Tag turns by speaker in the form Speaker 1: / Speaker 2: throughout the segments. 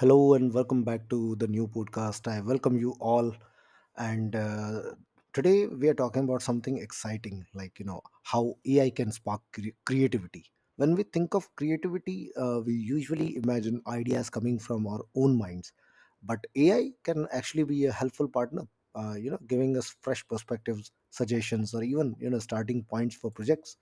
Speaker 1: Hello and welcome back to the new podcast. I welcome you all. And Today we are talking about something exciting, like you know how AI can spark creativity. When we think of creativity, we usually imagine ideas coming from our own minds, but AI can actually be a helpful partner. You know, giving us fresh perspectives, suggestions, or even you know starting points for projects,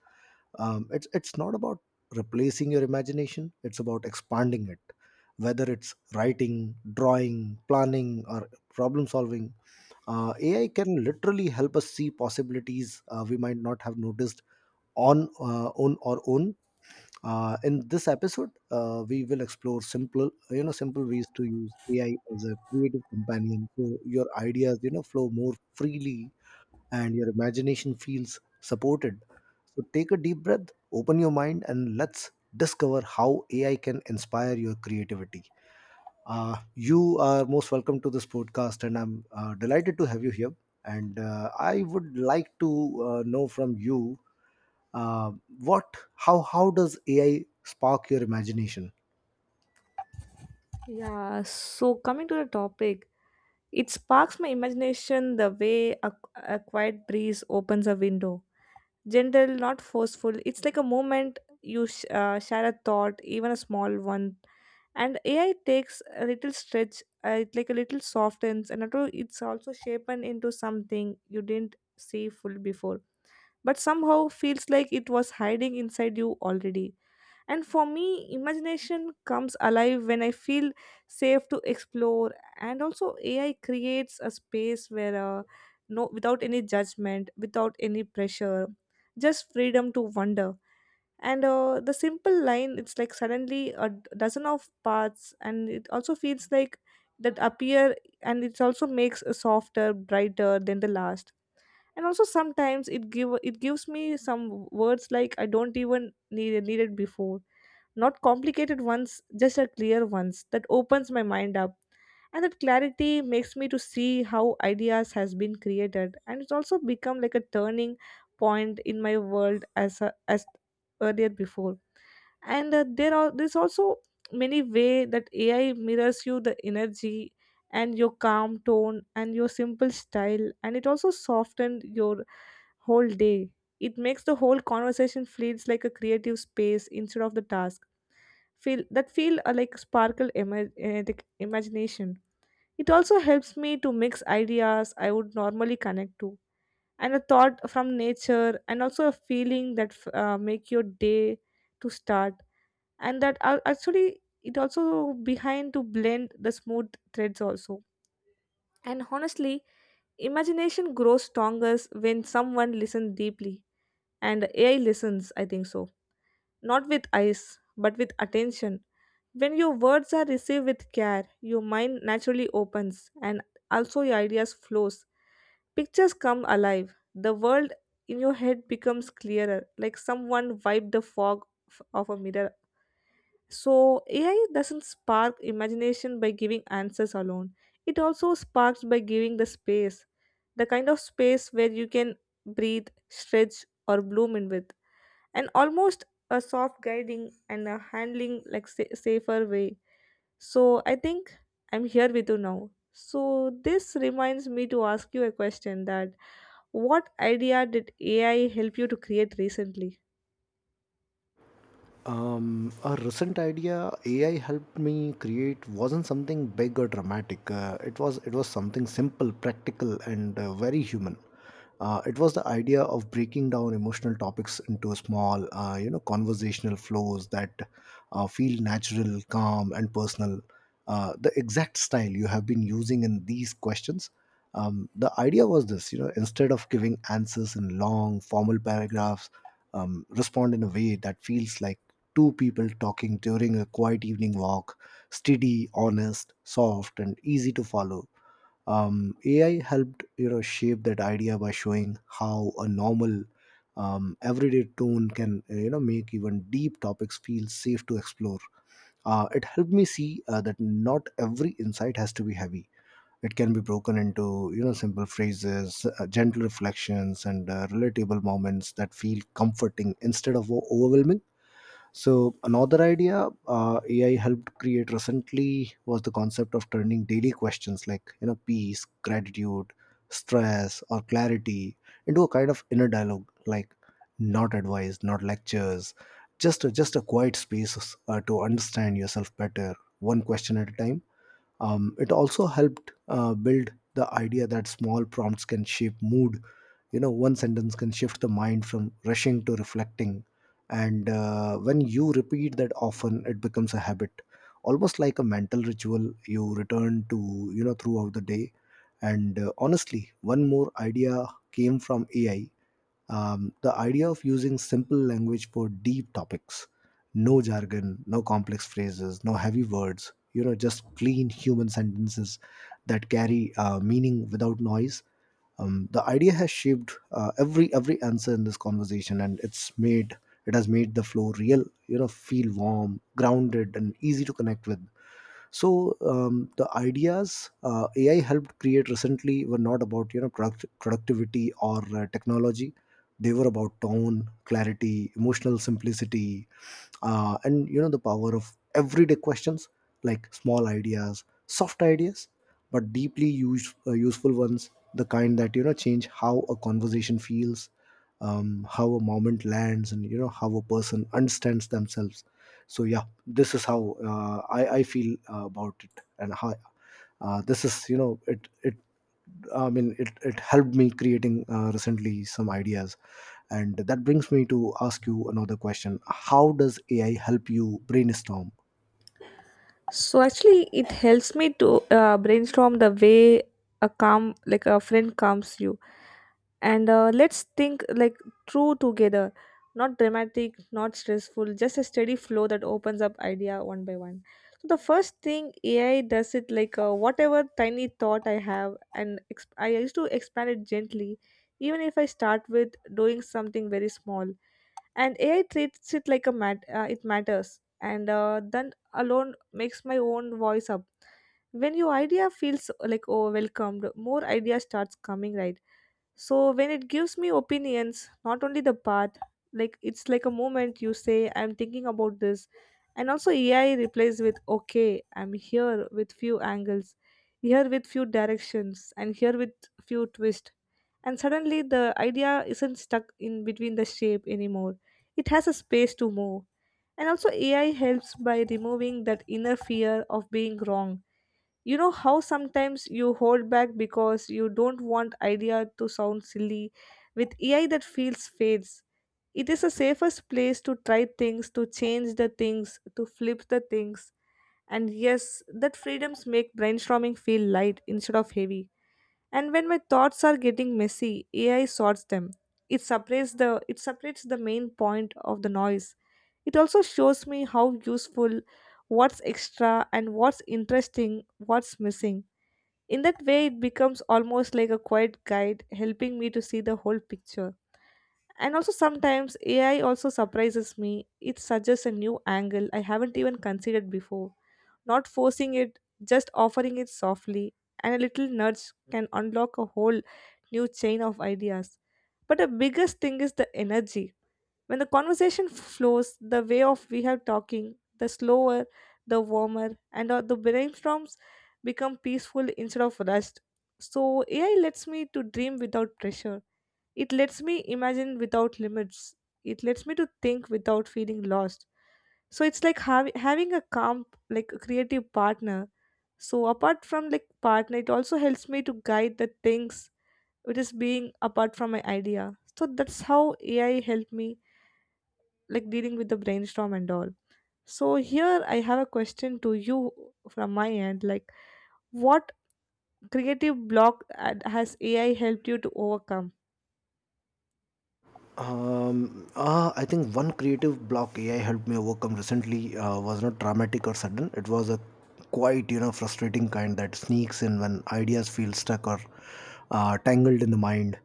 Speaker 1: it's not about replacing your imagination, it's about expanding it, whether it's writing, drawing, planning, or problem solving. AI can literally help us see possibilities we might not have noticed on our own. In this episode we will explore simple you know simple ways to use AI as a creative companion so your ideas you know flow more freely, and your imagination feels supported. So take a deep breath, open your mind, and let's discover how AI can inspire your creativity. You are most welcome to this podcast, and I'm delighted to have you here. And I would like to know from you uh, how does AI spark your imagination?
Speaker 2: Yeah, so coming to the topic, it sparks my imagination the way a quiet breeze opens a window. Gentle, not forceful. It's like a moment you share a thought, even a small one. And AI takes a little stretch, it like a little softens, and also it's also shapen into something you didn't see full before. But somehow feels like it was hiding inside you already. And for me, imagination comes alive when I feel safe to explore. And also, AI creates a space where no, without any judgment, without any pressure, just freedom to wonder. And the simple line, it's like suddenly a dozen of paths, and it also feels like that appear, and it also makes a softer, brighter than the last. And also sometimes it gives me some words like I don't even needed before, not complicated ones, just a clear ones that opens my mind up. And that clarity makes me to see how ideas has been created, and it's also become like a turning point in my world as earlier before. And there's also many way that AI mirrors you the energy and your calm tone and your simple style, and it also softened your whole day. It makes the whole conversation feels like a creative space instead of the task. Feel that feel like sparkle ima- Like imagination. It also helps me to mix ideas I would normally connect to, and a thought from nature, and also a feeling that make your day to start, and that actually it also behind to blend the smooth threads also. And honestly, imagination grows strongest when someone listens deeply, and AI listens, I think so. Not with eyes, but with attention. When your words are received with care, your mind naturally opens and also your ideas flows. Pictures come alive. The world in your head becomes clearer, like someone wiped the fog of a mirror. So AI doesn't spark imagination by giving answers alone. It also sparks by giving the space, the kind of space where you can breathe, stretch, or bloom in with, and almost a soft guiding and a handling like safer way. So I think I'm here with you now, so this reminds me to ask you a question that what idea did AI help you to create recently.
Speaker 1: A recent idea AI helped me create wasn't something big or dramatic. It was something simple, practical, and very human. It was the idea of breaking down emotional topics into small, you know, conversational flows that feel natural, calm, and personal. The exact style you have been using in these questions. The idea was this, you know, instead of giving answers in long, formal paragraphs, respond in a way that feels like two people talking during a quiet evening walk, steady, honest, soft, and easy to follow. AI helped you know shape that idea by showing how a normal, everyday tone can you know make even deep topics feel safe to explore. It helped me see that not every insight has to be heavy. It can be broken into you know simple phrases, gentle reflections, and relatable moments that feel comforting instead of overwhelming. So another idea, AI helped create recently, was the concept of turning daily questions like you know peace, gratitude, stress, or clarity into a kind of inner dialogue, like not advice, not lectures, just a quiet space to understand yourself better, one question at a time. It also helped build the idea that small prompts can shape mood. You know, one sentence can shift the mind from rushing to reflecting. And when you repeat that often, it becomes a habit, almost like a mental ritual you return to, you know, throughout the day. And honestly, one more idea came from AI. The idea of using simple language for deep topics, no jargon, no complex phrases, no heavy words, you know, just clean human sentences that carry meaning without noise. The idea has shaped every answer in this conversation, and it's made it has made the flow real. You know, feel warm, grounded, and easy to connect with. So the ideas AI helped create recently were not about you know productivity or technology. They were about tone, clarity, emotional simplicity, and you know the power of everyday questions, like small ideas, soft ideas, but deeply useful ones, the kind that you know change how a conversation feels, how a moment lands, and you know how a person understands themselves. So yeah, this is how I feel about it, and how this is you know it it I mean it, it helped me creating recently some ideas. And that brings me to ask you another question. How does AI help you brainstorm?
Speaker 2: So actually, it helps me to brainstorm the way a calm, like a friend calms you, and let's think like through together. Not dramatic, not stressful, just a steady flow that opens up idea one by one. So the first thing AI does it like whatever tiny thought I have, and I used to expand it gently, even if I start with doing something very small, and AI treats it like a it matters, and then alone makes my own voice up. When your idea feels like oh welcomed, more idea starts coming right. So when it gives me opinions, not only the path, like it's like a moment you say I'm thinking about this, and also AI replays with okay, I'm here with few angles, here with few directions, and here with few twists, and suddenly the idea isn't stuck in between the shape anymore. It has a space to move. And also, AI helps by removing that inner fear of being wrong. You know how sometimes you hold back because you don't want idea to sound silly. With AI, that feels fades. It is a safest place to try things, to change the things, to flip the things. And yes, that freedoms make brainstorming feel light instead of heavy. And when my thoughts are getting messy, AI sorts them. It separates the main point of the noise. It also shows me how useful, what's extra and what's interesting, what's missing. In that way it becomes almost like a quiet guide helping me to see the whole picture. And also sometimes AI also surprises me. It suggests a new angle I haven't even considered before, not forcing it, just offering it softly, and a little nudge can unlock a whole new chain of ideas. But the biggest thing is the energy. When the conversation flows the way of we have talking, the slower, the warmer, and the brainstorms become peaceful instead of rushed. So AI lets me to dream without pressure, it lets me imagine without limits. It lets me to think without feeling lost. So it's like having a calm, like a creative partner. So apart from like partner, it also helps me to guide the things which is being apart from my idea. So that's how AI helped me like dealing with the brainstorm and all. So here I have a question to you from my end. Like, what creative block has AI helped you to overcome?
Speaker 1: I think one creative block AI helped me overcome recently was not dramatic or sudden. It was a quite, you know, frustrating kind that sneaks in when ideas feel stuck or tangled in the mind.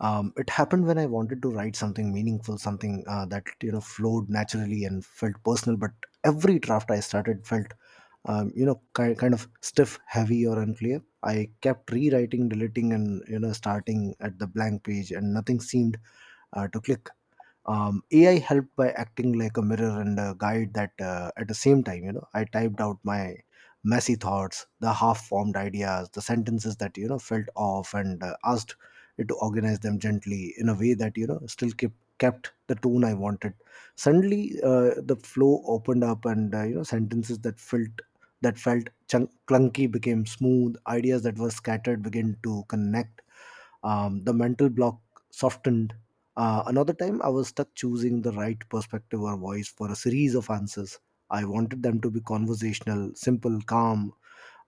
Speaker 1: It happened when I wanted to write something meaningful, something that, you know, flowed naturally and felt personal. But every draft I started felt, you know, kind of stiff, heavy, or unclear. I kept rewriting, deleting, and, you know, starting at the blank page, and nothing seemed to click. AI helped by acting like a mirror and a guide that, at the same time, you know, I typed out my messy thoughts, the half formed ideas, the sentences that, you know, felt off, and asked it to organize them gently in a way that, you know, still kept the tone I wanted. Suddenly, the flow opened up, and, you know, sentences that felt clunky became smooth, ideas that were scattered began to connect, the mental block softened. Another time, I was stuck choosing the right perspective or voice for a series of answers. I wanted them to be conversational, simple, calm,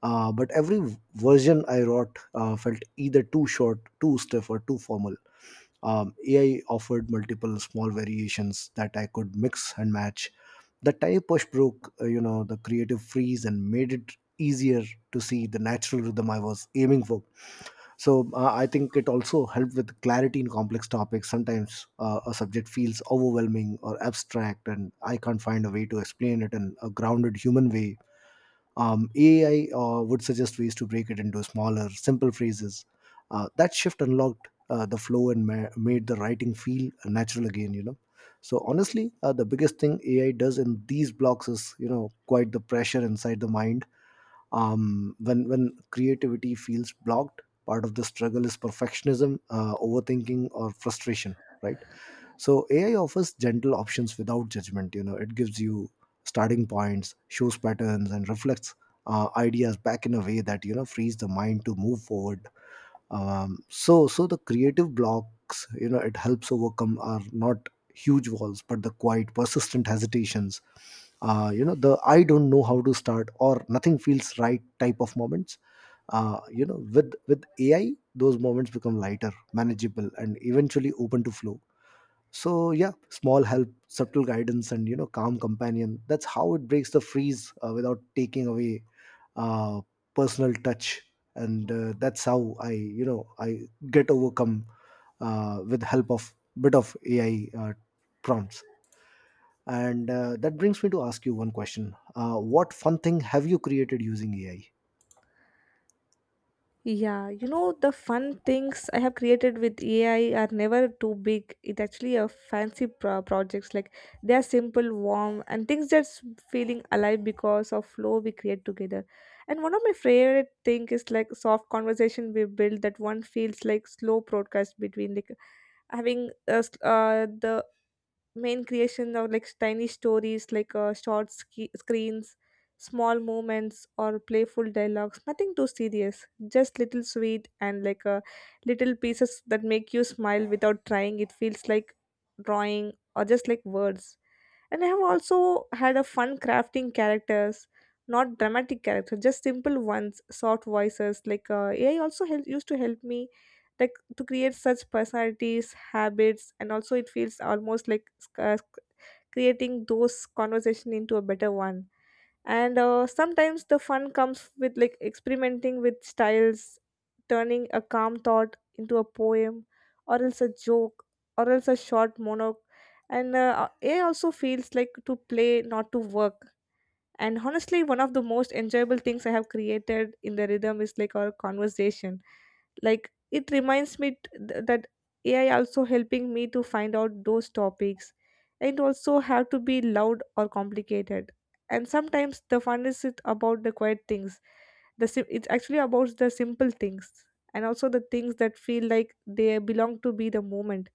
Speaker 1: but every version I wrote felt either too short, too stiff, or too formal. AI offered multiple small variations that I could mix and match. The type push broke, you know, the creative freeze and made it easier to see the natural rhythm I was aiming for. So I think it also helped with clarity in complex topics. Sometimes a subject feels overwhelming or abstract, and I can't find a way to explain it in a grounded human way. AI would suggest ways to break it into smaller, simple phrases. That shift unlocked the flow and made the writing feel natural again. You know, so honestly, the biggest thing AI does in these blocks is you know quite the pressure inside the mind. When creativity feels blocked, part of the struggle is perfectionism, overthinking, or frustration, right? So AI offers gentle options without judgment. You know, it gives you starting points, shows patterns, and reflects ideas back in a way that you know frees the mind to move forward. So the creative blocks, you know, it helps overcome are not huge walls, but the quiet persistent hesitations, you know, the I don't know how to start or nothing feels right type of moments. You know, with AI those moments become lighter, manageable, and eventually open to flow. So yeah, small help, subtle guidance, and you know calm companion, that's how it breaks the freeze without taking away uh, personal touch. And that's how I you know I get overcome with help of bit of AI, prompts. And that brings me to ask you one question. What fun thing have you created using AI?
Speaker 2: Yeah, you know, the fun things I have created with AI are never too big. It actually a fancy projects. Like they are simple, warm, and things that's feeling alive because of flow we create together. And one of my favorite thing is like soft conversation we build that one feels like slow broadcast between like having the main creation of like tiny stories like short screens, small moments or playful dialogues, nothing too serious, just little sweet and like little pieces that make you smile without trying. It feels like drawing or just like words. And I have also had a fun crafting characters, not dramatic characters, just simple ones, soft voices, like used to help me like to create such personalities, habits, and also it feels almost like uh, creating those conversation into a better one. And sometimes the fun comes with like experimenting with styles, turning a calm thought into a poem, or else a joke, or else a short monologue. And it also feels like to play, not to work. And honestly, one of the most enjoyable things I have created in the rhythm is like our conversation. Like it reminds me that AI also helping me to find out those topics, and also have to be loud or complicated. And sometimes the fun is it about the quiet things, the it's actually about the simple things, and also the things that feel like they belong to be the moment.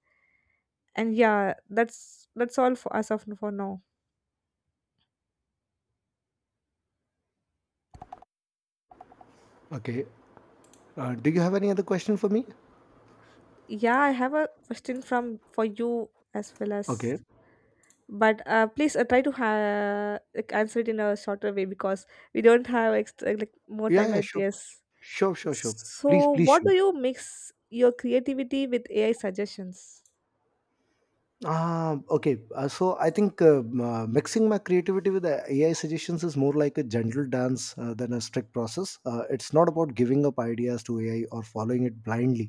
Speaker 2: And yeah, that's all for us of for now.
Speaker 1: Okay. Do you have any other question for me?
Speaker 2: Yeah, I have a question from for you as well as,
Speaker 1: Okay.
Speaker 2: but please try to like answer it in a shorter way because we don't have like more
Speaker 1: Yeah,
Speaker 2: time
Speaker 1: yeah,
Speaker 2: at
Speaker 1: sure.
Speaker 2: this.
Speaker 1: Sure, sure, sure. Please,
Speaker 2: So,
Speaker 1: please
Speaker 2: what do
Speaker 1: shoot.
Speaker 2: you mix your creativity with AI suggestions?
Speaker 1: Ah, okay. So I think mixing my creativity with the AI suggestions is more like a gentle dance than a strict process. It's not about giving up ideas to AI or following it blindly.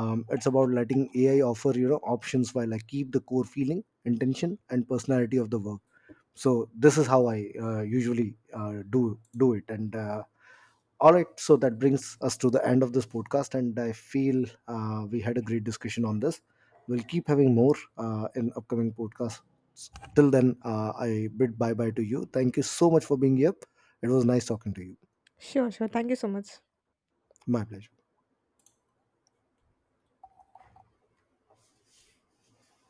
Speaker 1: It's about letting AI offer you know options while I keep the core feeling, intention, and personality of the work. So this is how I usually do it. And All right, so that brings us to the end of this podcast, and I feel we had a great discussion on this. We'll keep having more in upcoming podcasts. Till then, I bid bye bye to you. Thank you so much for being here. It was nice talking to you.
Speaker 2: Sure, sure. Thank you so much.
Speaker 1: My pleasure.